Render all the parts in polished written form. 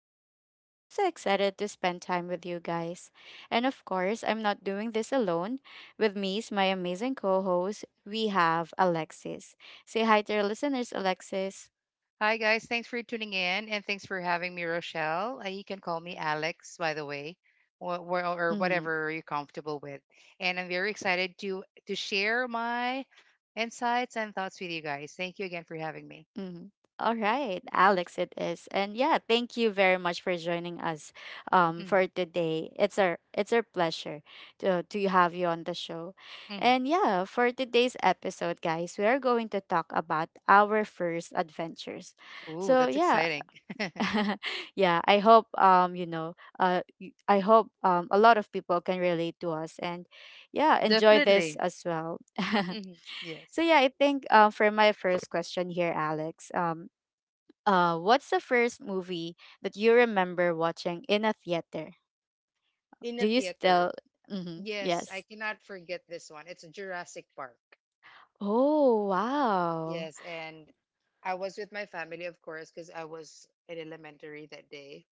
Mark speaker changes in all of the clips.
Speaker 1: Rochelle, and I'm so excited to spend time with you guys. And of course, I'm not doing this alone. With me is my amazing co host, we have Alexis. Say hi to our listeners, Alexis.
Speaker 2: Hi, guys. Thanks for tuning in and thanks for having me, Rochelle. You can call me Alex, by the way, or
Speaker 1: Mm-hmm.
Speaker 2: whatever you're comfortable with. And I'm very excited to share my insights and thoughts with you guys. Thank you again for having me.
Speaker 1: Mhm. All right, Alex, it is, and yeah, thank you very much for joining us,
Speaker 2: Hmm.
Speaker 1: for today. It's our pleasure to have you on the show,
Speaker 2: Hmm.
Speaker 1: and yeah, for today's episode, guys, we are going to talk about our first adventures.
Speaker 2: Ooh,
Speaker 1: So
Speaker 2: that's
Speaker 1: yeah,
Speaker 2: exciting.
Speaker 1: yeah, I hope I hope a lot of people can relate to us, and yeah, enjoy this
Speaker 2: Definitely.
Speaker 1: as well.
Speaker 2: Hmm.
Speaker 1: So
Speaker 2: Yes.
Speaker 1: yeah, I think for my first question here, Alex, what's the first movie that you remember watching in a theater?
Speaker 2: In
Speaker 1: Do
Speaker 2: a
Speaker 1: you
Speaker 2: theater.
Speaker 1: still? Mm-hmm,
Speaker 2: Yes, I
Speaker 1: yes.
Speaker 2: cannot forget this one. It's Jurassic Park.
Speaker 1: Oh wow.
Speaker 2: Yes, and I was with my family, of course, because I was in elementary that day.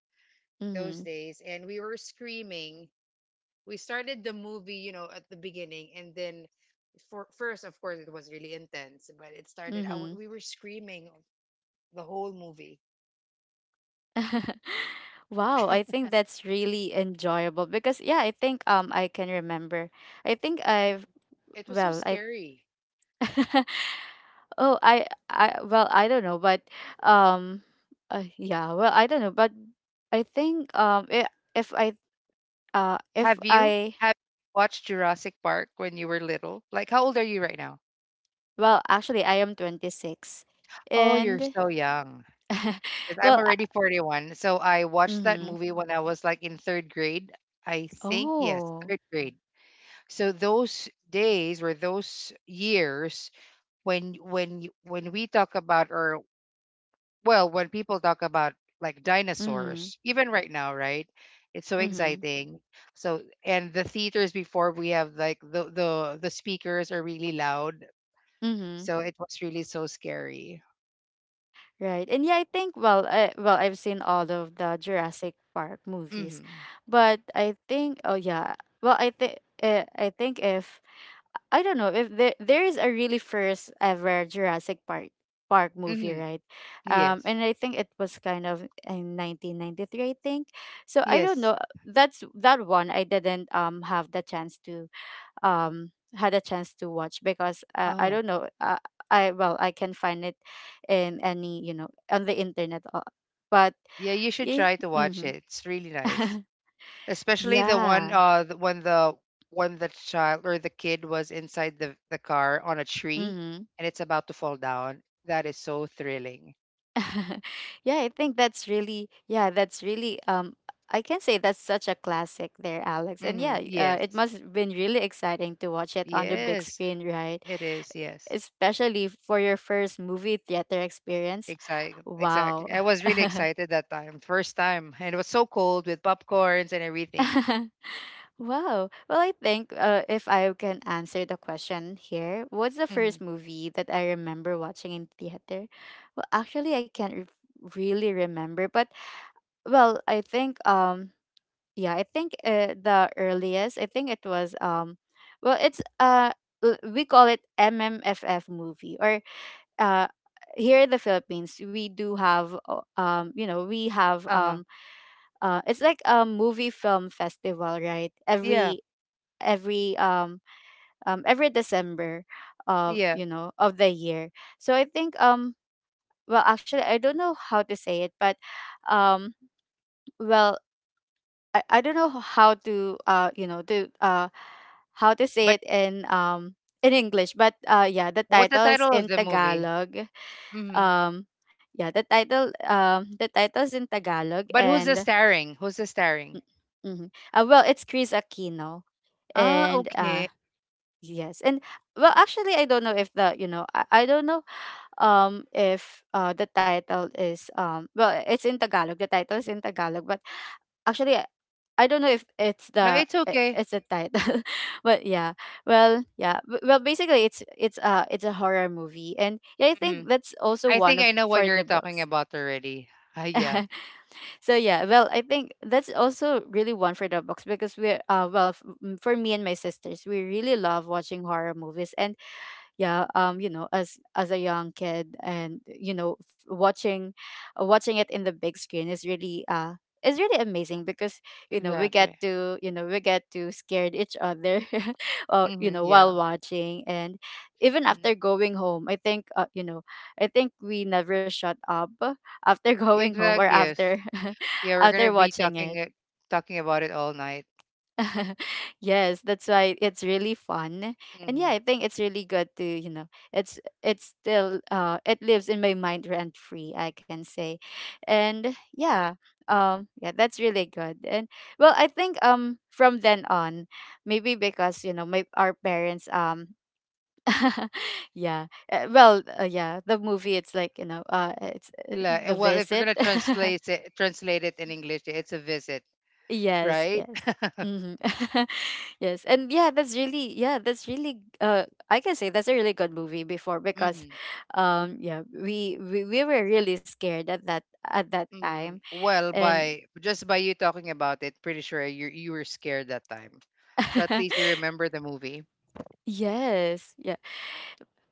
Speaker 2: Those
Speaker 1: Mm-hmm.
Speaker 2: days, and we were screaming. We started the movie, at the beginning, and then, for first, of course, it was really intense, but it started,
Speaker 1: Mm-hmm.
Speaker 2: we were screaming the whole movie.
Speaker 1: Wow, I think that's really enjoyable because yeah, I think I can remember. I think
Speaker 2: Mhm.
Speaker 1: I've
Speaker 2: It was so
Speaker 1: well I
Speaker 2: scary.
Speaker 1: oh I well I don't know but um yeah, well, I don't know but I think I if I if
Speaker 2: Have you
Speaker 1: I
Speaker 2: have you watched Jurassic Park when you were little? Like, how old are you right now?
Speaker 1: Well, actually, I am 26.
Speaker 2: Oh, you're
Speaker 1: And,
Speaker 2: so young. Because I'm
Speaker 1: well, uh,
Speaker 2: already 41. So I watched that
Speaker 1: mm-hmm.
Speaker 2: movie when I was like in third grade. I think, yes,
Speaker 1: Oh,
Speaker 2: third grade. So those days, or those years, when we talk about, or, well, when people talk about, like,
Speaker 1: mm-hmm.
Speaker 2: dinosaurs, even right now, right, it's so
Speaker 1: Mm-hmm.
Speaker 2: exciting. So, and the theaters before, we have, like, the speakers are really loud,
Speaker 1: Mm-hmm.
Speaker 2: so it was really so scary.
Speaker 1: Right. And yeah, I think, well, I've seen all of the Jurassic Park movies.
Speaker 2: Mhm.
Speaker 1: But I think, oh, yeah. Well, I think if I don't know if there is a really first ever Jurassic Park movie,
Speaker 2: Mhm.
Speaker 1: right?
Speaker 2: Yes.
Speaker 1: And I think it was kind of in 1993, I think. So I don't
Speaker 2: Yes.
Speaker 1: know. That's that one I didn't have the chance to had a chance to watch because I
Speaker 2: Oh,
Speaker 1: don't know. I well I can find it in any you know on the internet, but
Speaker 2: yeah, you should
Speaker 1: yeah,
Speaker 2: try to watch it,
Speaker 1: mm-hmm.
Speaker 2: it's really nice, especially the one,
Speaker 1: Yeah.
Speaker 2: the, when the when the child or the kid was inside the car on a tree,
Speaker 1: Mm-hmm.
Speaker 2: and it's about to fall down. That is so thrilling.
Speaker 1: Yeah, I think that's really yeah, that's really I can say that's such a classic there, Alex. And yeah,
Speaker 2: Hmm.
Speaker 1: it
Speaker 2: Yes.
Speaker 1: must have been really exciting to watch it on the big
Speaker 2: Yes,
Speaker 1: screen, right?
Speaker 2: it is. Yes.
Speaker 1: Especially for your first movie theater experience.
Speaker 2: Exactly,
Speaker 1: Wow.
Speaker 2: exactly, I was really excited that time, first time, and it was so cold with popcorns and everything.
Speaker 1: Wow. Well, I think if I can answer the question here, what's the
Speaker 2: Hmm.
Speaker 1: first movie that I remember watching in theater? Well, actually, I can't really remember, but well, I think yeah, I think the earliest, I think it was well it's uh we call it MMFF movie or uh here in the Philippines we do have we have
Speaker 2: Uh-huh.
Speaker 1: it's like a movie film festival, right?
Speaker 2: Yeah.
Speaker 1: Every um every December of
Speaker 2: Yeah.
Speaker 1: you know of the year. So I think well, actually, I don't know how to say it but um well, I don't know how to how to say
Speaker 2: But
Speaker 1: it in English but yeah, the
Speaker 2: what's the
Speaker 1: title is
Speaker 2: title of
Speaker 1: in
Speaker 2: the movie?
Speaker 1: Tagalog.
Speaker 2: Hmm.
Speaker 1: um yeah, the title is in Tagalog
Speaker 2: But who's the
Speaker 1: and
Speaker 2: starring who's the starring
Speaker 1: well, it's Chris Aquino
Speaker 2: Ah,
Speaker 1: and
Speaker 2: okay.
Speaker 1: yes, and well, actually, I don't know if the you know I don't know if the title is well, it's in Tagalog, the title is in Tagalog but actually, I don't know if it's
Speaker 2: No, it's okay.
Speaker 1: it's a title, but yeah, well, yeah, well, basically, it's it's a horror movie, and yeah, I
Speaker 2: Hmm.
Speaker 1: think that's also
Speaker 2: I think
Speaker 1: one of
Speaker 2: I know what
Speaker 1: for the
Speaker 2: you're talking
Speaker 1: books.
Speaker 2: about already. Ah, yeah.
Speaker 1: So yeah, well, I think that's also really one for the books because we're well f- m- for me and my sisters, we really love watching horror movies, and yeah, as a young kid and watching watching it in the big screen is really amazing because we get
Speaker 2: Exactly.
Speaker 1: to you know we get to scared each other you
Speaker 2: Mm-hmm.
Speaker 1: know
Speaker 2: Yeah.
Speaker 1: while watching and even after
Speaker 2: Mm.
Speaker 1: going home, I think, you know, I think we never shut up after going home or
Speaker 2: Exact. Yes.
Speaker 1: after
Speaker 2: Yeah, we're gonna
Speaker 1: after
Speaker 2: be
Speaker 1: watching it.
Speaker 2: talking about it all night.
Speaker 1: Yes, that's why it's really fun. And yeah,
Speaker 2: Mm-hmm.
Speaker 1: I think it's really good to, you know, it's still it lives in my mind rent free, I can say. And yeah, yeah, that's really good. And well, I think from then on, maybe because, you know, my our parents yeah, yeah, the movie, it's like you know it's
Speaker 2: La,
Speaker 1: the
Speaker 2: well, if you're
Speaker 1: visit.
Speaker 2: gonna translate it in English, it's a visit,
Speaker 1: Yes,
Speaker 2: right?
Speaker 1: yes. Hmm. Yes. And yeah, that's really I can say that's a really good movie before because
Speaker 2: Mm-hmm.
Speaker 1: yeah, we were really scared at that time.
Speaker 2: Mm-hmm. Well,
Speaker 1: And
Speaker 2: by you talking about it, pretty sure you were scared that time. So at least you remember the movie.
Speaker 1: yes, yeah.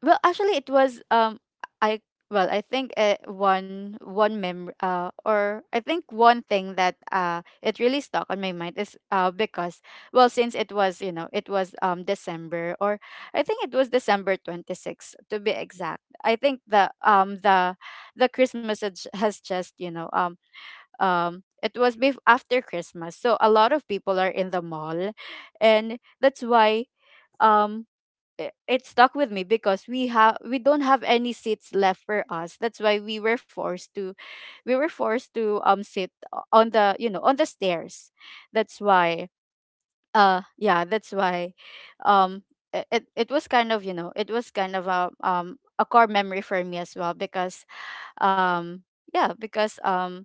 Speaker 1: Well, actually, it was I well, I think, one one mem or I think one thing that it really stuck on my mind is because well, since it was you know it was December or I think it was December 26th to be exact. I think the Christmas has has just you know it was after Christmas, so a lot of people are in the mall, and that's why um it stuck with me because we don't have any seats left for us, that's why we were forced to sit on the you know on the stairs, that's why yeah, that's why um it it was kind of you know it was kind of a core memory for me as well because um yeah, because um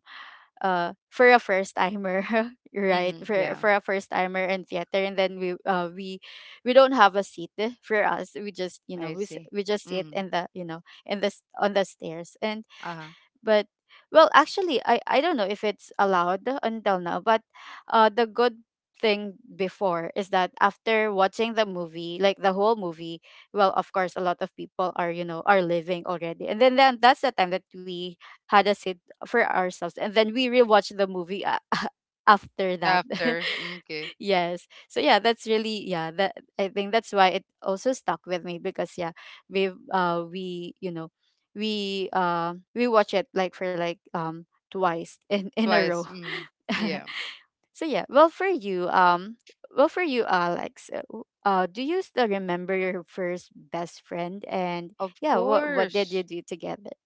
Speaker 1: uh for a first timer right,
Speaker 2: Mm-hmm. Yeah,
Speaker 1: for a first timer in theater, and then we don't have a seat, eh, for us, we just you know
Speaker 2: I see.
Speaker 1: we just sit
Speaker 2: Mm-hmm.
Speaker 1: in the you know in the on the stairs. And
Speaker 2: Uh-huh.
Speaker 1: but well, actually, I don't know if it's allowed until now but the good thing before is that after watching the movie, like the whole movie, well, of course, a lot of people are you know are living already, and then that's the time that we had a sit for ourselves, and then we rewatched the movie after that.
Speaker 2: After. Mm. Okay.
Speaker 1: Yes. So yeah, that's really yeah, that I think that's why it also stuck with me because yeah, we, you know, we watch it like for like twice in a row.
Speaker 2: Twice. Mm, yeah.
Speaker 1: So yeah, well for you, well for you, Alex, do you still remember your first best friend and
Speaker 2: Of
Speaker 1: yeah, what did you
Speaker 2: course.
Speaker 1: do together?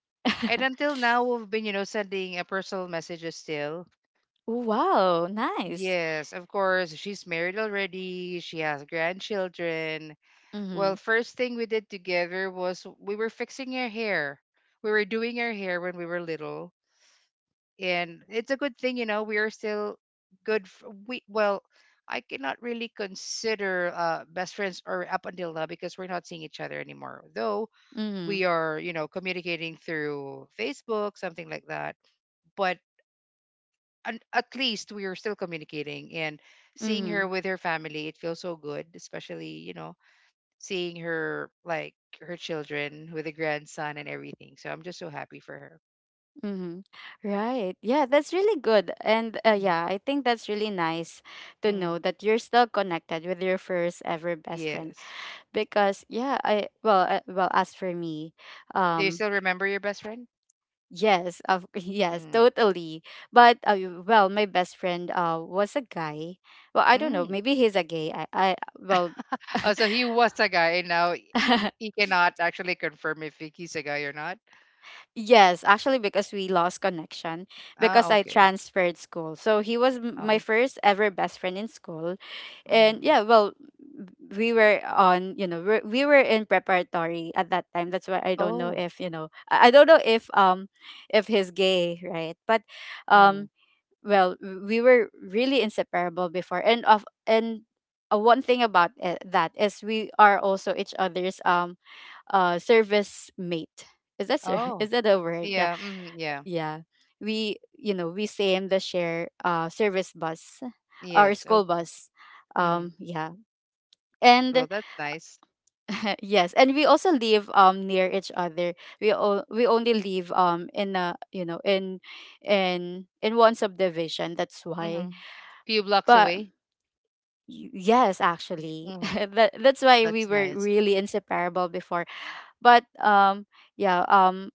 Speaker 2: And until now, we've been sending a personal messages still.
Speaker 1: Wow, nice.
Speaker 2: Yes, of course. She's married already. She has grandchildren. Well,
Speaker 1: Mhm.
Speaker 2: first thing we did together was we were fixing her hair. We were doing her hair when we were little. And it's a good thing, we are still good. I cannot really consider best friends or up until now because we're not seeing each other anymore. Though we
Speaker 1: Mhm.
Speaker 2: are communicating through Facebook, something like that, but at least we are still communicating and seeing her
Speaker 1: Mhm.
Speaker 2: with her family, it feels so good, especially seeing her, like, her children with a grandson and everything. So I'm just so happy for her.
Speaker 1: Mm-hmm. Right. Yeah, that's really good. And
Speaker 2: Mhm.
Speaker 1: yeah, I think that's really nice to
Speaker 2: Mm,
Speaker 1: know that you're still connected with your first ever best friend
Speaker 2: yes.
Speaker 1: because yeah, well, as for me,
Speaker 2: Do you
Speaker 1: um
Speaker 2: still remember your best friend?
Speaker 1: yes, of yes,
Speaker 2: Mm.
Speaker 1: totally. But well, my best friend was a guy. Well, I don't know,
Speaker 2: Mm.
Speaker 1: maybe he's a gay. I well
Speaker 2: Oh, so he was a guy, and now he he cannot actually confirm if he's a guy or not.
Speaker 1: yes, actually, because we lost connection
Speaker 2: Ah,
Speaker 1: because I
Speaker 2: okay.
Speaker 1: transferred school. So he was my
Speaker 2: Oh,
Speaker 1: first ever best friend in school.
Speaker 2: okay.
Speaker 1: And
Speaker 2: Hmm.
Speaker 1: yeah, well, we were on, you know, we were in preparatory at that time. That's why I don't know
Speaker 2: Oh.
Speaker 1: if, you know, I don't know if he's gay, right? But
Speaker 2: Mm.
Speaker 1: um well, we were really inseparable before. And of and one thing about it, that is we are also each other's service mate. Is that
Speaker 2: Oh,
Speaker 1: is that a word? Yeah.
Speaker 2: yeah. Mhm, yeah.
Speaker 1: Yeah. We same the share service bus or
Speaker 2: Yes.
Speaker 1: school
Speaker 2: Okay.
Speaker 1: bus.
Speaker 2: Hmm.
Speaker 1: Yeah.
Speaker 2: Well,
Speaker 1: And
Speaker 2: that's nice.
Speaker 1: yes, and we also live near each other. We only live in a you know in one subdivision. That's why.
Speaker 2: Hmm. Few blocks
Speaker 1: But
Speaker 2: away.
Speaker 1: yes, actually,
Speaker 2: Hmm.
Speaker 1: that that's why we
Speaker 2: That's
Speaker 1: were
Speaker 2: nice.
Speaker 1: really inseparable before. But yeah,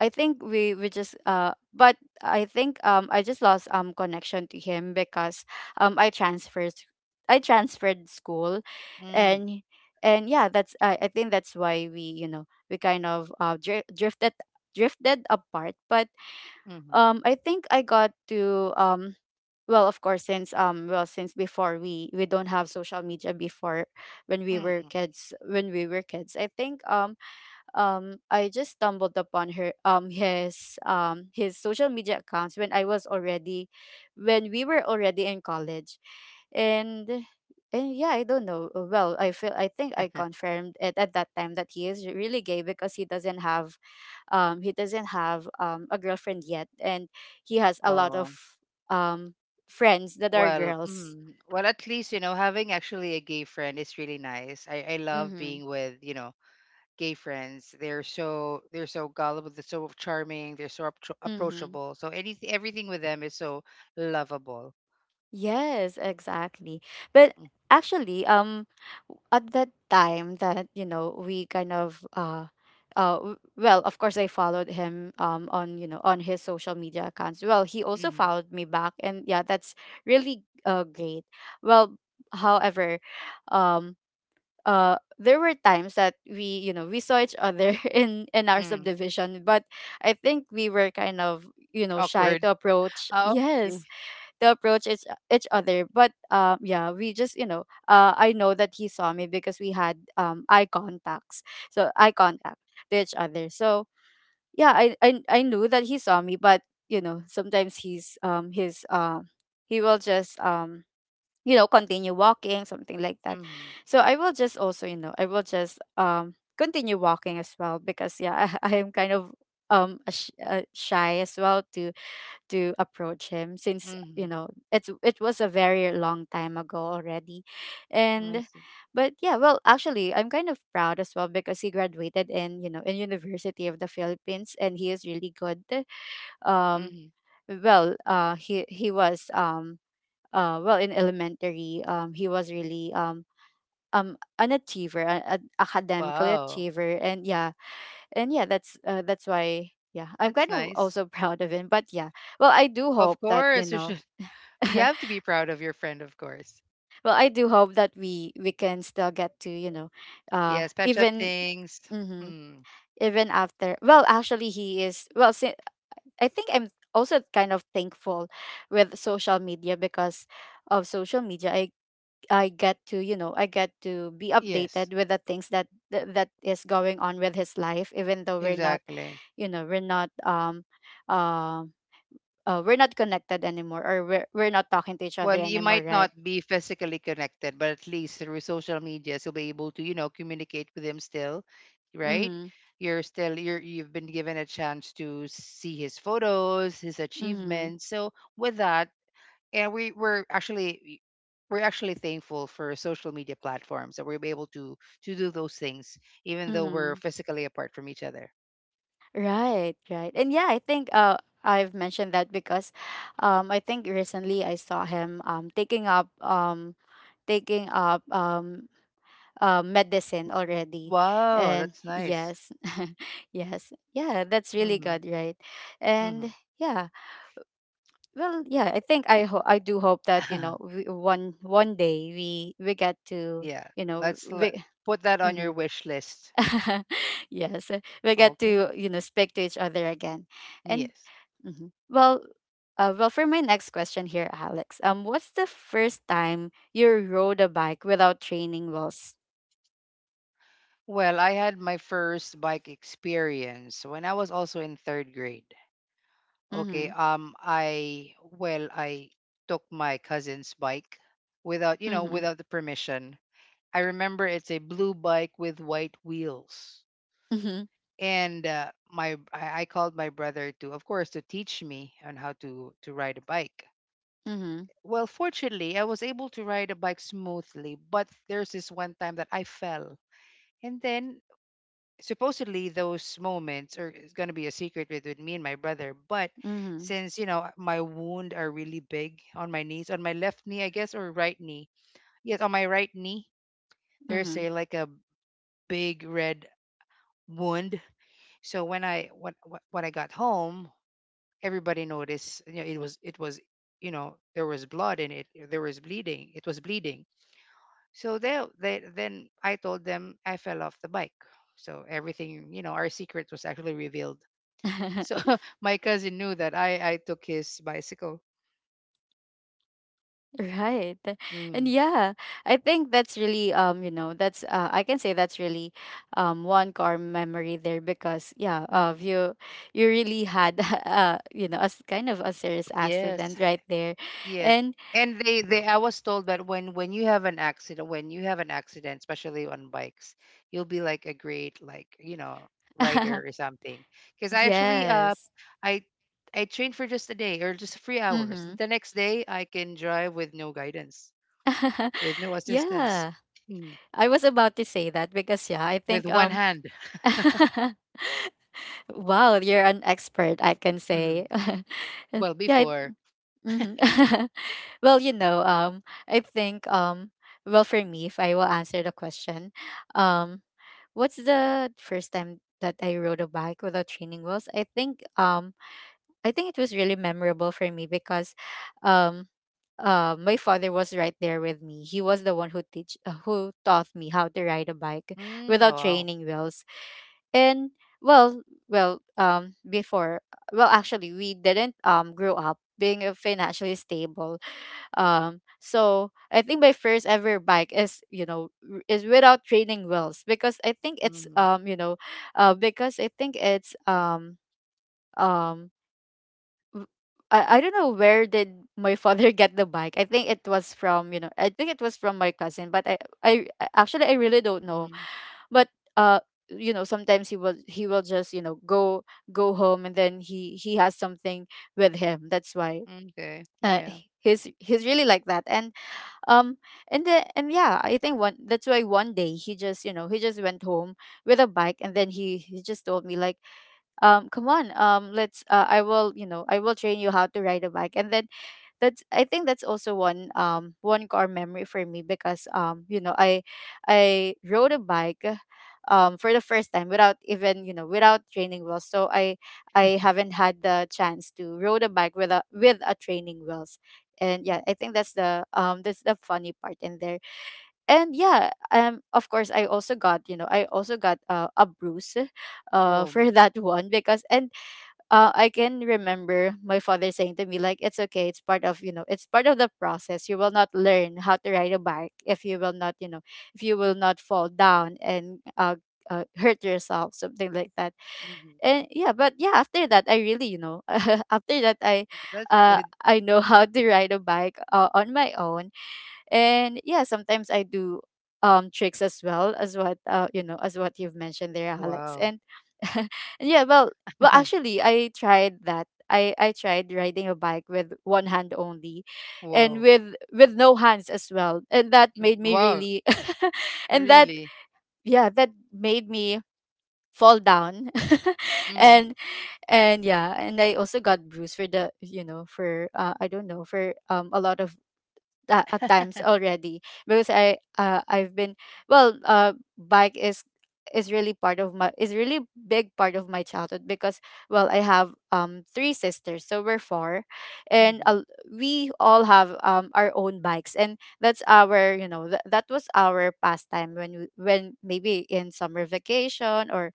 Speaker 1: I think we just, but I think, I just lost, connection to him, because um I transferred I transferred school.
Speaker 2: Mm.
Speaker 1: And and yeah, that's, I think that's why we, you know, we kind of drifted apart. But
Speaker 2: Mm-hmm.
Speaker 1: I think I got to, well, of course, since, well, since before we don't have social media before. When we were
Speaker 2: Hmm.
Speaker 1: kids, I think, I just stumbled upon her his, his social media accounts when I was already, when we were already in college. and and yeah, I don't know. Well, I feel, I think I confirmed it at that time that he is really gay, because he doesn't have, he doesn't have, a girlfriend yet, and he has a lot
Speaker 2: Oh,
Speaker 1: of um friends that are
Speaker 2: well,
Speaker 1: girls.
Speaker 2: well, at least, having actually a gay friend is really nice. I love
Speaker 1: Mhm.
Speaker 2: being with, gay friends. They're so gullible, they're so charming, they're so
Speaker 1: Mhm.
Speaker 2: approachable. So anything everything with them is so lovable.
Speaker 1: Yes, exactly. But actually, at that time that, you know, we kind of, well, of course I followed him on, you know, on his social media accounts. Well, he also
Speaker 2: Mm-hmm.
Speaker 1: followed me back, and yeah, that's really great. Well, however, um. There were times that we, you know, we saw each other in our
Speaker 2: Mm.
Speaker 1: subdivision, but I think we were kind of, you know, shy to
Speaker 2: Awkward.
Speaker 1: approach.
Speaker 2: Oh, okay.
Speaker 1: Yes, to approach each other. But yeah, we just, you know, I know that he saw me because we had eye contacts, so eye contact to each other. So yeah, I knew that he saw me. But you know, sometimes he will just, you know, continue walking, something like that.
Speaker 2: Mm-hmm.
Speaker 1: So I will just also, you know, I will just, continue walking as well, because yeah, I am kind of, a shy as well, to approach him, since,
Speaker 2: Mm-hmm.
Speaker 1: you know, it's, it was a very long time ago already.
Speaker 2: I
Speaker 1: And
Speaker 2: see.
Speaker 1: but yeah, well, actually, I'm kind of proud as well, because he graduated in, you know, in University of the Philippines and he is really good. um
Speaker 2: Hmm.
Speaker 1: well, he was, well, in elementary, he was really, an achiever, an academically
Speaker 2: Wow,
Speaker 1: achiever. And yeah, and yeah, that's why, yeah, I'm
Speaker 2: that's
Speaker 1: kind of
Speaker 2: nice.
Speaker 1: also proud of him. But yeah, well, I do
Speaker 2: Of
Speaker 1: hope that, you
Speaker 2: course, you
Speaker 1: know,
Speaker 2: should. You have to be proud of your friend, of course.
Speaker 1: well, I do hope that we can still get to, you know,
Speaker 2: Yes, patch up
Speaker 1: even,
Speaker 2: things.
Speaker 1: mhm,
Speaker 2: Hmm.
Speaker 1: even after. Well, actually, he is. Well, I think I'm also kind of thankful with social media, because of social media, I get to, you know, I get to be
Speaker 2: Yes,
Speaker 1: updated with the things that is going on with his life, even though we're not,
Speaker 2: exactly.
Speaker 1: you know, we're not, um. We're not connected anymore, or we're not talking to each other
Speaker 2: Well, you
Speaker 1: anymore,
Speaker 2: might
Speaker 1: right.
Speaker 2: not be physically connected, but at least through social media, you'll be able to, communicate with him still, right?
Speaker 1: Mm-hmm.
Speaker 2: You're still you're You've been given a chance to see his photos, his
Speaker 1: Mm-hmm.
Speaker 2: achievements. So with that, and we're actually thankful for social media platforms that we're able to do those things, even though we're
Speaker 1: Mm-hmm.
Speaker 2: physically apart from each other.
Speaker 1: Right, right. And yeah, I think, I've mentioned that because, I think recently I saw him, taking up, medicine already.
Speaker 2: Wow,
Speaker 1: And
Speaker 2: that's nice.
Speaker 1: yes. Yes. Yeah, that's really
Speaker 2: Mm-hmm.
Speaker 1: good, right?
Speaker 2: Mm-hmm.
Speaker 1: And yeah. Well, yeah, I think, I do hope that, you know, we, one day we get to,
Speaker 2: Yeah,
Speaker 1: you know,
Speaker 2: let's
Speaker 1: we
Speaker 2: put that on your
Speaker 1: mhm.
Speaker 2: wish list.
Speaker 1: Yes, we get
Speaker 2: Okay,
Speaker 1: to, you know, speak to each other again. And
Speaker 2: yes.
Speaker 1: mhm. Well, well, for my next question here, Alex, what's the first time you rode a bike without training wheels?
Speaker 2: Well, I had my first bike experience when I was also in third grade. Okay,
Speaker 1: Mm-hmm.
Speaker 2: I took my cousin's bike without you know
Speaker 1: Mm-hmm.
Speaker 2: without the permission. I remember it's a blue bike with white wheels.
Speaker 1: Mm-hmm.
Speaker 2: And my I called my brother to, of course, to teach me on how to ride a bike. Well, fortunately, I was able to ride a bike smoothly, but there's this one time that I fell. And then, supposedly, those moments are it's going to be a secret with me and my brother, but
Speaker 1: Mm-hmm.
Speaker 2: since, my wound are really big on my knees, on my left knee, I guess, or right knee. Yes, on my right knee, there's
Speaker 1: Mm-hmm.
Speaker 2: a big red wound. So when I got home, everybody noticed. You know, there was blood in it. There was bleeding. It was bleeding. So they then I told them I fell off the bike. So everything, our secret was actually revealed. So my cousin knew that I took his bicycle.
Speaker 1: Right.
Speaker 2: Mm-hmm.
Speaker 1: And yeah, I think that's really, you know, that's I can say that's really, one core memory there, because yeah,
Speaker 2: Hmm.
Speaker 1: you you really had you know, as kind of a serious
Speaker 2: Yes.
Speaker 1: accident right there.
Speaker 2: Yes.
Speaker 1: And
Speaker 2: And they I was told that when you have an accident when you have an accident, especially on bikes, you'll be like a great, like, rider or something. Because I actually
Speaker 1: yes.
Speaker 2: I I trained for just a day or just 3 hours.
Speaker 1: Mhm.
Speaker 2: The next day I can drive with no guidance, with no assistance.
Speaker 1: Yeah.
Speaker 2: Mm.
Speaker 1: I was about to say that because yeah, I
Speaker 2: With
Speaker 1: think
Speaker 2: one hand.
Speaker 1: wow, you're an expert, I can say.
Speaker 2: Mm. Well
Speaker 1: Yeah.
Speaker 2: before.
Speaker 1: Mhm. Well, you know, I think, well, for me, if I will answer the question, um, what's the first time that I rode a bike without training wheels? I think it was really memorable for me, because, um, my father was right there with me. He was the one who taught me how to ride a bike
Speaker 2: Mm, oh,
Speaker 1: without
Speaker 2: wow.
Speaker 1: training wheels. And well, well, before, well, actually, we didn't grow up being, financially stable. So I think my first ever bike is, you know, is without training wheels, because I think it's,
Speaker 2: Mm.
Speaker 1: you know, because I think it's, um w- I don't know where did my father get the bike. I think it was from, you know, I think it was from my cousin. But actually I really don't know.
Speaker 2: Mm.
Speaker 1: But uh you know, sometimes he will just, you know, go home and then he has something with him. That's why,
Speaker 2: Okay. Yeah.
Speaker 1: he's really like that. And um and and yeah, I think one that's why one day he just, you know, he just went home with a bike, and then he just told me like, come on, let's, I will, you know, I will train you how to ride a bike, and then that's, I think that's also one, one core memory for me, because, you know, I rode a bike for the first time without even, you know, without training wheels, so I haven't had the chance to rode a bike with a, with a training wheels. And yeah,
Speaker 2: Mm.
Speaker 1: I think that's the, that's the funny part in there. And yeah, of course I also got, you know, I also got, a bruise
Speaker 2: Well,
Speaker 1: for that one because, and I can remember my father saying to me like, it's okay, it's part of, you know, it's part of the process. You will not learn how to ride a bike if you will not, you know, if you will not fall down, and hurt yourself, something like that.
Speaker 2: mm
Speaker 1: And yeah, but yeah, after that I really, you know, after that,
Speaker 2: that's good.
Speaker 1: I know how to ride a bike, on my own. And yeah, sometimes I do, tricks as well, as what, you know, as what you've mentioned there, Alex.
Speaker 2: Wow.
Speaker 1: And and yeah, well, well actually, I tried riding a bike with one hand only, and
Speaker 2: Whoa.
Speaker 1: with, no hands as well. And that made
Speaker 2: Mm.
Speaker 1: me
Speaker 2: Wow.
Speaker 1: really and that,
Speaker 2: Really?
Speaker 1: yeah, that made me fall down.
Speaker 2: Mm.
Speaker 1: and and yeah, and I also got bruised for the, you know, for, I don't know, for, a lot of, at times already. Because I've been, well, bike is really part of my is really big part of my childhood, because well, I have, three sisters, so we're four. And
Speaker 2: Mm-hmm.
Speaker 1: we all have, our own bikes, and that's our, you know, that was our pastime when we, when maybe in summer vacation, or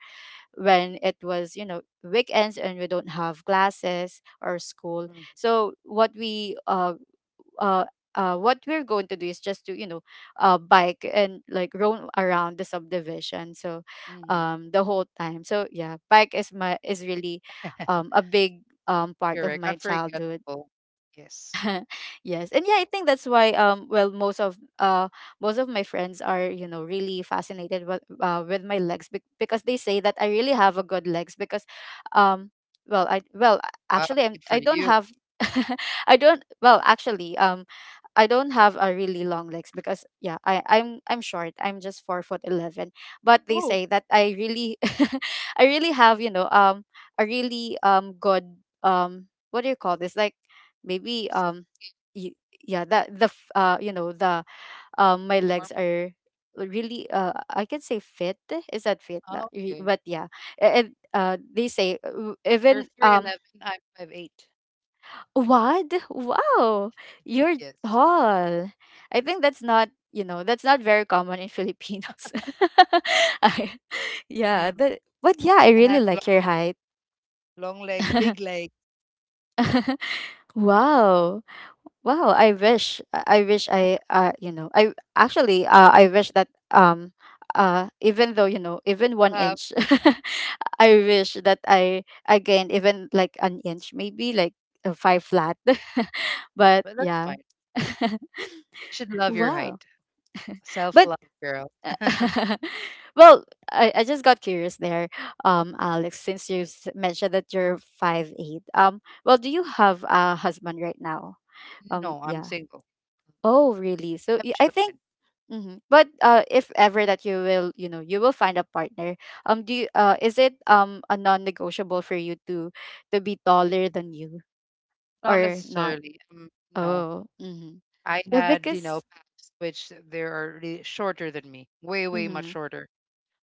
Speaker 1: when it was, you know, weekends and we don't have classes or school.
Speaker 2: Mm.
Speaker 1: So what we, uh, what we're going to do is just to, you know, bike and like roam around the subdivision. So
Speaker 2: Mm.
Speaker 1: the whole time. So yeah, bike is my, is really, a big, part of
Speaker 2: Correct.
Speaker 1: my childhood.
Speaker 2: Unforgettable. Yes.
Speaker 1: Yes, and yeah, I think that's why, well, most of, most of my friends are, you know, really fascinated with, with my legs, because they say that I really have a good legs, because, um well, I well,
Speaker 2: Wow.
Speaker 1: actually,
Speaker 2: Good for
Speaker 1: I don't
Speaker 2: you.
Speaker 1: have I don't well, actually, I don't have a really long legs, because yeah, I'm short. I'm just 4'11". But they
Speaker 2: Oh,
Speaker 1: say that I really, I really have, you know, a really, good, what do you call this, like maybe,
Speaker 2: s- eight
Speaker 1: yeah, that, the you know, the,
Speaker 2: on the
Speaker 1: my
Speaker 2: form.
Speaker 1: legs are really I can say fit. Is that fit?
Speaker 2: Ah, okay.
Speaker 1: But yeah, and they say,
Speaker 2: You're
Speaker 1: even,
Speaker 2: 4'11, I'm 5'8.
Speaker 1: what? Wow. You're
Speaker 2: Yes.
Speaker 1: tall. I think that's not, you know, that's not very common in Filipinos. I, yeah,
Speaker 2: Mm.
Speaker 1: that, but yeah, I
Speaker 2: And
Speaker 1: really
Speaker 2: have long,
Speaker 1: like your height.
Speaker 2: long legs, big legs.
Speaker 1: Wow. Wow, I wish I wish I you know, I actually, I wish that, even though, you know, even
Speaker 2: You
Speaker 1: 1
Speaker 2: have,
Speaker 1: inch I wish that I gained even like an inch, maybe like a 5 flat.
Speaker 2: no,
Speaker 1: But
Speaker 2: but that's
Speaker 1: yeah.
Speaker 2: fine. You should love your
Speaker 1: Wow.
Speaker 2: height. Self
Speaker 1: But
Speaker 2: love, girl.
Speaker 1: uh, well, I just got curious there, Alex, since mentioned that you're 5'8". Well, do you have a husband right now? Um,
Speaker 2: No, I'm
Speaker 1: yeah.
Speaker 2: single.
Speaker 1: Oh, really?
Speaker 2: I
Speaker 1: So
Speaker 2: have
Speaker 1: I think.
Speaker 2: children.
Speaker 1: Mhm. But if ever that you will, you know, you will find a partner, do you, is it, a non-negotiable for you to be taller than you
Speaker 2: Not
Speaker 1: or not?
Speaker 2: necessarily. No.
Speaker 1: Oh, mm-hmm.
Speaker 2: I
Speaker 1: Yeah,
Speaker 2: had,
Speaker 1: because.
Speaker 2: paths which they are really shorter than me, way, way much
Speaker 1: Mm-hmm.
Speaker 2: shorter,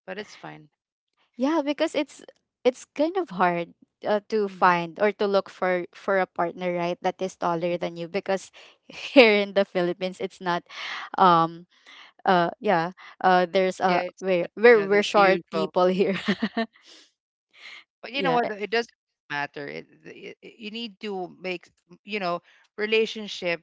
Speaker 2: but it's fine.
Speaker 1: Yeah, because it's, kind of hard, to
Speaker 2: Mm.
Speaker 1: find or to look for a partner, right? That is taller than you, because here in the Philippines, it's not. Um. Yeah. There's
Speaker 2: Yeah,
Speaker 1: a
Speaker 2: it's but, you know,
Speaker 1: we're
Speaker 2: the
Speaker 1: short
Speaker 2: usual.
Speaker 1: people here.
Speaker 2: But you know
Speaker 1: Yeah.
Speaker 2: what? It doesn't matter. You need to make, you know relationship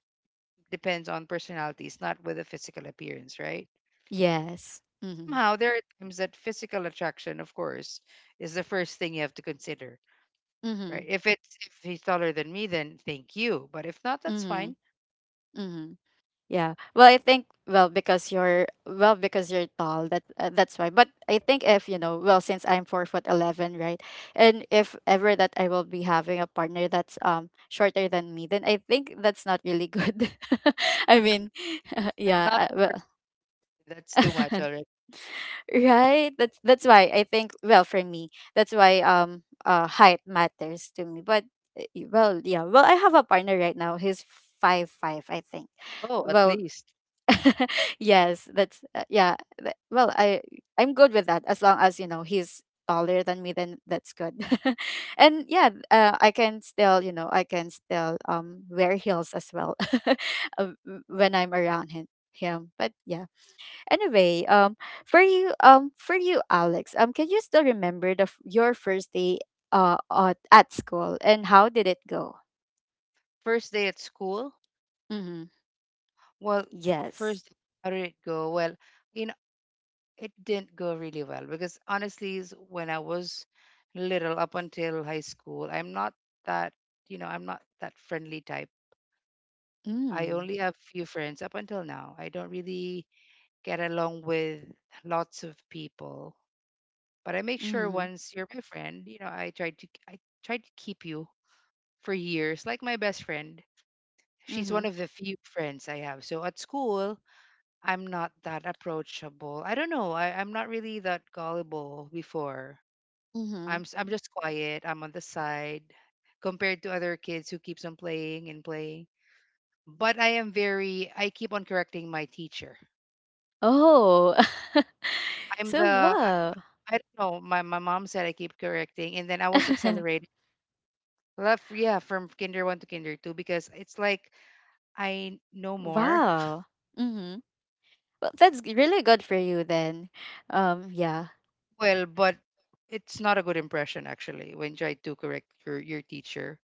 Speaker 2: depends on personalities, not with a physical appearance, right?
Speaker 1: Yes. Mm-hmm.
Speaker 2: Somehow there are times that physical attraction, of course, is the first thing you have to consider,
Speaker 1: Mm-hmm.
Speaker 2: right? If he's taller than me, then thank you. But if not, that's
Speaker 1: Mm-hmm.
Speaker 2: fine.
Speaker 1: Mm-hmm. Yeah. Well, I think well, because you're well, because you're tall. That, that's why. But I think if, you know, well, since I'm 4'11", right? And if ever that I will be having a partner that's shorter than me, then I think that's not really good. I mean,
Speaker 2: Well,
Speaker 1: yeah.
Speaker 2: not for- that's too much already.
Speaker 1: Right. That's why I think well for me that's why height matters to me. But yeah, well I have a partner right now. He's five five I think.
Speaker 2: Oh, at
Speaker 1: Well
Speaker 2: least.
Speaker 1: yes, that's yeah. Well, I'm good with that as long as he's taller than me, then that's good. And yeah, I can still I can still wear heels as well when I'm around him. Him, but yeah. Anyway, for you, Alex, can you still remember your first day at school and how did it go?
Speaker 2: First day at school.
Speaker 1: Mm-hmm.
Speaker 2: Well,
Speaker 1: Yes.
Speaker 2: first, how did it go? Well, you know, it didn't go really well because, honestly, is when I was little up until high school, that, I'm not that friendly type. I
Speaker 1: Mm.
Speaker 2: only have few friends up until now. I don't really get along with lots of people, but I make sure
Speaker 1: Mm-hmm.
Speaker 2: once you're my friend, I try to keep you for years, like my best friend. She's
Speaker 1: Mm-hmm.
Speaker 2: one of the few friends I have. So at school, I'm not that approachable. I don't know. I'm not really that gullible before.
Speaker 1: Mm-hmm.
Speaker 2: I'm just quiet. I'm on the side compared to other kids who keeps on playing and playing. But I am very. I keep on correcting my teacher.
Speaker 1: Oh.
Speaker 2: I'm
Speaker 1: So,
Speaker 2: the. I,
Speaker 1: wow.
Speaker 2: I don't know. My mom said I keep correcting, and then I was accelerated. Left, yeah, from kinder one to kinder two because it's like I know more.
Speaker 1: Wow. Mhm. Well, that's really good for you then. Yeah.
Speaker 2: Well, but it's not a good impression actually when you try to correct your teacher.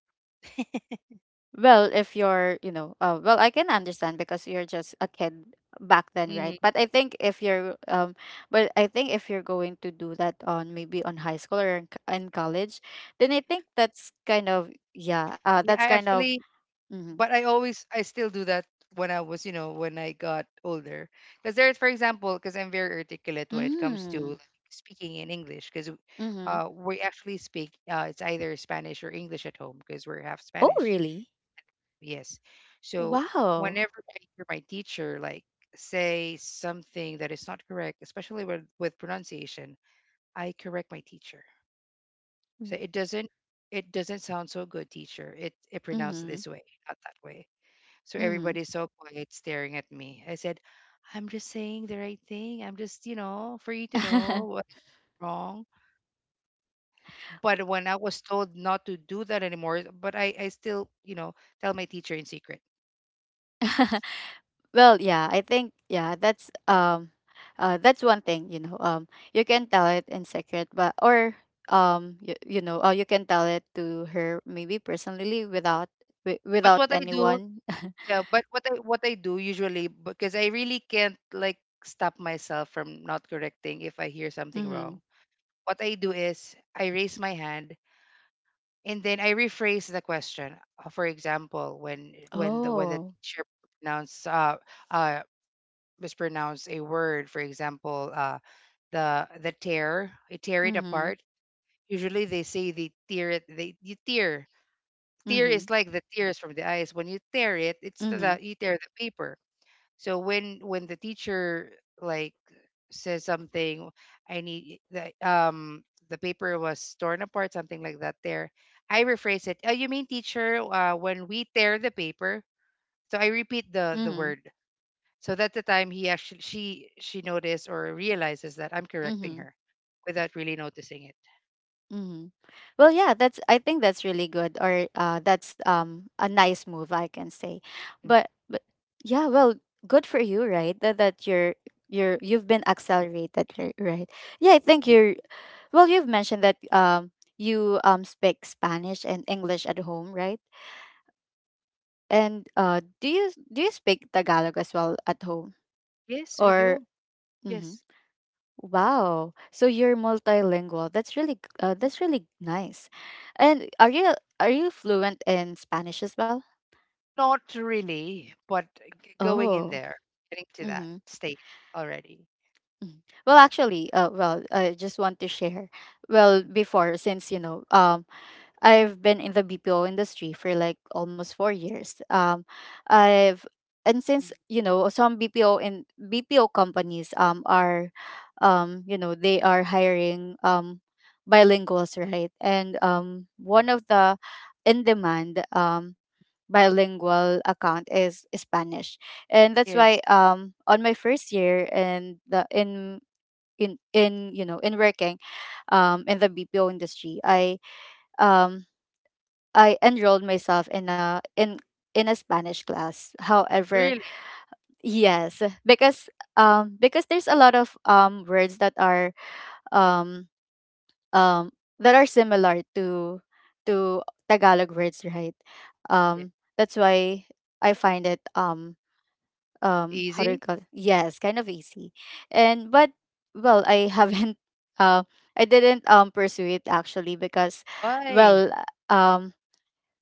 Speaker 1: Well, if you're, I can understand because you're just a kid back then, right?
Speaker 2: Mm.
Speaker 1: But I think if you're going to do that on maybe on high school or in college, then I think that's kind of yeah, that's
Speaker 2: Yeah, I
Speaker 1: kind of
Speaker 2: actually,
Speaker 1: mhm.
Speaker 2: but I always, I still do that when I was, you know, when I got older. Because for example, because I'm very articulate when it comes to,
Speaker 1: Mm.
Speaker 2: like, speaking in English, because,
Speaker 1: Mhm.
Speaker 2: we actually speak, it's either Spanish or English at home because we're half
Speaker 1: Oh,
Speaker 2: Spanish.
Speaker 1: really?
Speaker 2: Yes. So
Speaker 1: Wow.
Speaker 2: whenever I hear my teacher, like, say something that is not correct, especially with pronunciation, I correct my teacher. So it doesn't sound so good, teacher. It pronounced
Speaker 1: Mhm.
Speaker 2: this way, not that way. So
Speaker 1: Mm-hmm.
Speaker 2: everybody's so quiet staring at me. I said, I'm just saying the right thing. I'm just, for you to know what's wrong. But when I was told not to do that anymore, but I still, tell my teacher in secret.
Speaker 1: Well, yeah, I think yeah, that's one thing, you know. You can tell it in secret, but or you, you can tell it to her maybe personally without
Speaker 2: But
Speaker 1: without
Speaker 2: what I do,
Speaker 1: anyone.
Speaker 2: yeah, but what I do usually because I really can't, like, stop myself from not correcting if I hear something wrong.
Speaker 1: mhm.
Speaker 2: What I do is I raise my hand and then I rephrase the question. For example, when the
Speaker 1: Oh.
Speaker 2: teacher pronounce uh mispronounce a word, for example, the tear, I tear it apart.
Speaker 1: Mhm.
Speaker 2: Usually they say they tear it, they you tear. Tear is
Speaker 1: Mhm.
Speaker 2: like the tears from the eyes. When you tear it, it's the
Speaker 1: Mhm.
Speaker 2: you tear the paper. So when the teacher, like, says something, I need the paper was torn apart, something like that there. I rephrase it. Oh, you mean, teacher, when we tear the paper. So I repeat the
Speaker 1: Mhm.
Speaker 2: word. So that's the time he actually she noticed or realizes that I'm correcting
Speaker 1: Mhm.
Speaker 2: her without really noticing it.
Speaker 1: Mm-hmm. Well, yeah, that's I think that's really good or that's a nice move I can say.
Speaker 2: Mm.
Speaker 1: But yeah, well, good for you, right? That you've been accelerated, right? Yeah, I think
Speaker 2: ye-
Speaker 1: you're well, you've mentioned that you speak Spanish and English at home, right? And do you speak Tagalog as well at home
Speaker 2: yes, we
Speaker 1: or
Speaker 2: do.
Speaker 1: mhm.
Speaker 2: Yes.
Speaker 1: Wow. So you're multilingual. That's really that's really nice. And are you fluent in Spanish as well?
Speaker 2: Not really, but going in
Speaker 1: Oh.
Speaker 2: there, getting to that
Speaker 1: Mm-hmm.
Speaker 2: state already.
Speaker 1: Well, actually, I just want to share. Well, before, I've been in the BPO industry for like almost 4 years. I've and Since
Speaker 2: Mhm.
Speaker 1: you know some BPO and BPO companies are, you know they are hiring bilinguals, right? And one of the in demand bilingual account is Spanish, and that's why
Speaker 2: Yes,
Speaker 1: on my first year and the in in working in the BPO industry um I enrolled myself in a in in a Spanish class. However,
Speaker 2: really.
Speaker 1: yes, because there's a lot of words um um that are similar to to Tagalog words, right?
Speaker 2: Yeah.
Speaker 1: That's why I find it how do you
Speaker 2: Easy.
Speaker 1: call it? Yes, kind of easy. And but well, I haven't uh I didn't pursue it actually because
Speaker 2: Why?
Speaker 1: well um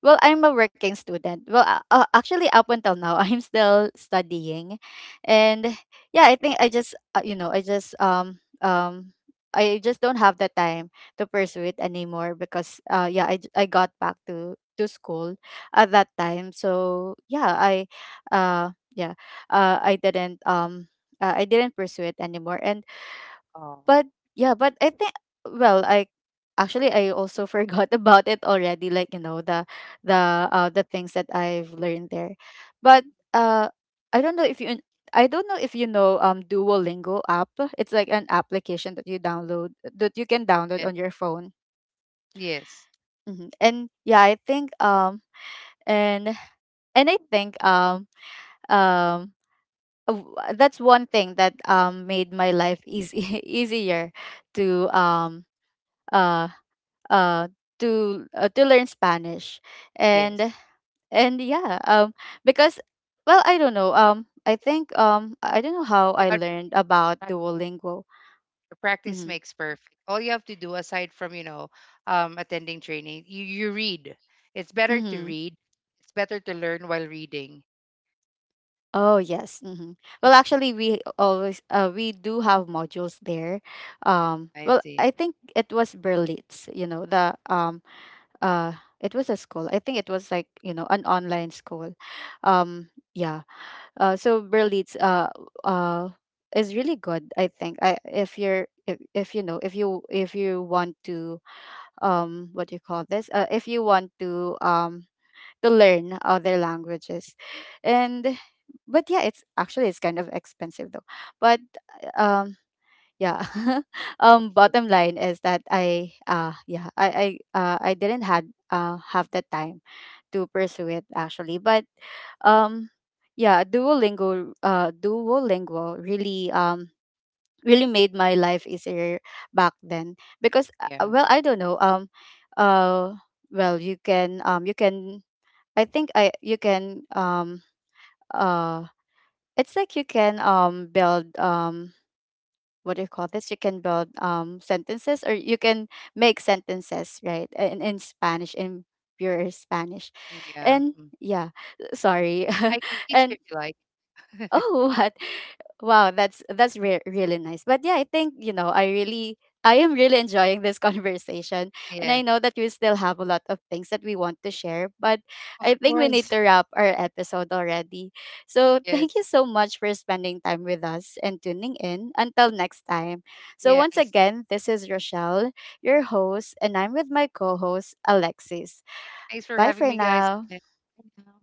Speaker 1: well, I'm a working student. Actually, up until now, I'm still studying, and yeah, I think I just I just I just don't have the time to pursue it anymore because yeah I got back to school at that time. So yeah uh I didn't um I didn't pursue it anymore, and
Speaker 2: Oh,
Speaker 1: but yeah, but I think well, I actually I also forgot about it already. Like you know the things that I've learned there, but uh I don't know if you I don't know if you know Duolingo app. It's like an application that you download that you can download
Speaker 2: yes,
Speaker 1: on your phone.
Speaker 2: yes,
Speaker 1: Hmm And yeah, I think and and I think um that's one thing that made my life easy easier to um uh uh to learn Spanish
Speaker 2: yes.
Speaker 1: and and yeah because well I don't know I think I don't know how
Speaker 2: You
Speaker 1: I
Speaker 2: gotta
Speaker 1: learned about
Speaker 2: prac-
Speaker 1: Duolingo
Speaker 2: Practice
Speaker 1: mm-hmm.
Speaker 2: makes perfect. All you have to do, aside from, attending training, you read. It's better to
Speaker 1: Mm-hmm.
Speaker 2: read. It's better to learn while reading.
Speaker 1: Oh yes, mm-hmm.
Speaker 2: Mm,
Speaker 1: Well, actually we always we do have modules there
Speaker 2: I
Speaker 1: well
Speaker 2: see.
Speaker 1: I think it was Berlitz, you know, the uh it was a school, I think it was like you know an online school, yeah. So Berlitz uh is really good. I think I if you're if you know if you want to what do you call this, if you want to learn other languages and but yeah it's actually it's kind of expensive though but um yeah.
Speaker 2: Okay.
Speaker 1: Bottom line is that I yeah I didn't had have the time to pursue it actually but um yeah Duolingo Duolingo really really made my life easier back then because
Speaker 2: Yeah.
Speaker 1: well I don't know uh well you can I think I you can uh it's like you can build what do you call this, you can build sentences or you can make sentences right in Spanish in pure Spanish
Speaker 2: Yeah.
Speaker 1: and
Speaker 2: Mm.
Speaker 1: yeah sorry
Speaker 2: I can teach you if
Speaker 1: and
Speaker 2: you like.
Speaker 1: Oh, what? Wow, that's really nice. But yeah, I think, you know, I really I am really enjoying this conversation and
Speaker 2: Yeah.
Speaker 1: I know that we still have a lot of things that we want to share, but
Speaker 2: Of
Speaker 1: I think we
Speaker 2: course.
Speaker 1: need to wrap our episode already. So, thank
Speaker 2: Yes.
Speaker 1: you so much for spending time with us and tuning in. Until next time. So, once
Speaker 2: Yes.
Speaker 1: again, this is Rochelle, your host, and I'm with my co-host Alexis.
Speaker 2: Thanks for
Speaker 1: Bye
Speaker 2: having
Speaker 1: for
Speaker 2: me, guys.
Speaker 1: now.
Speaker 2: Okay. Bye now.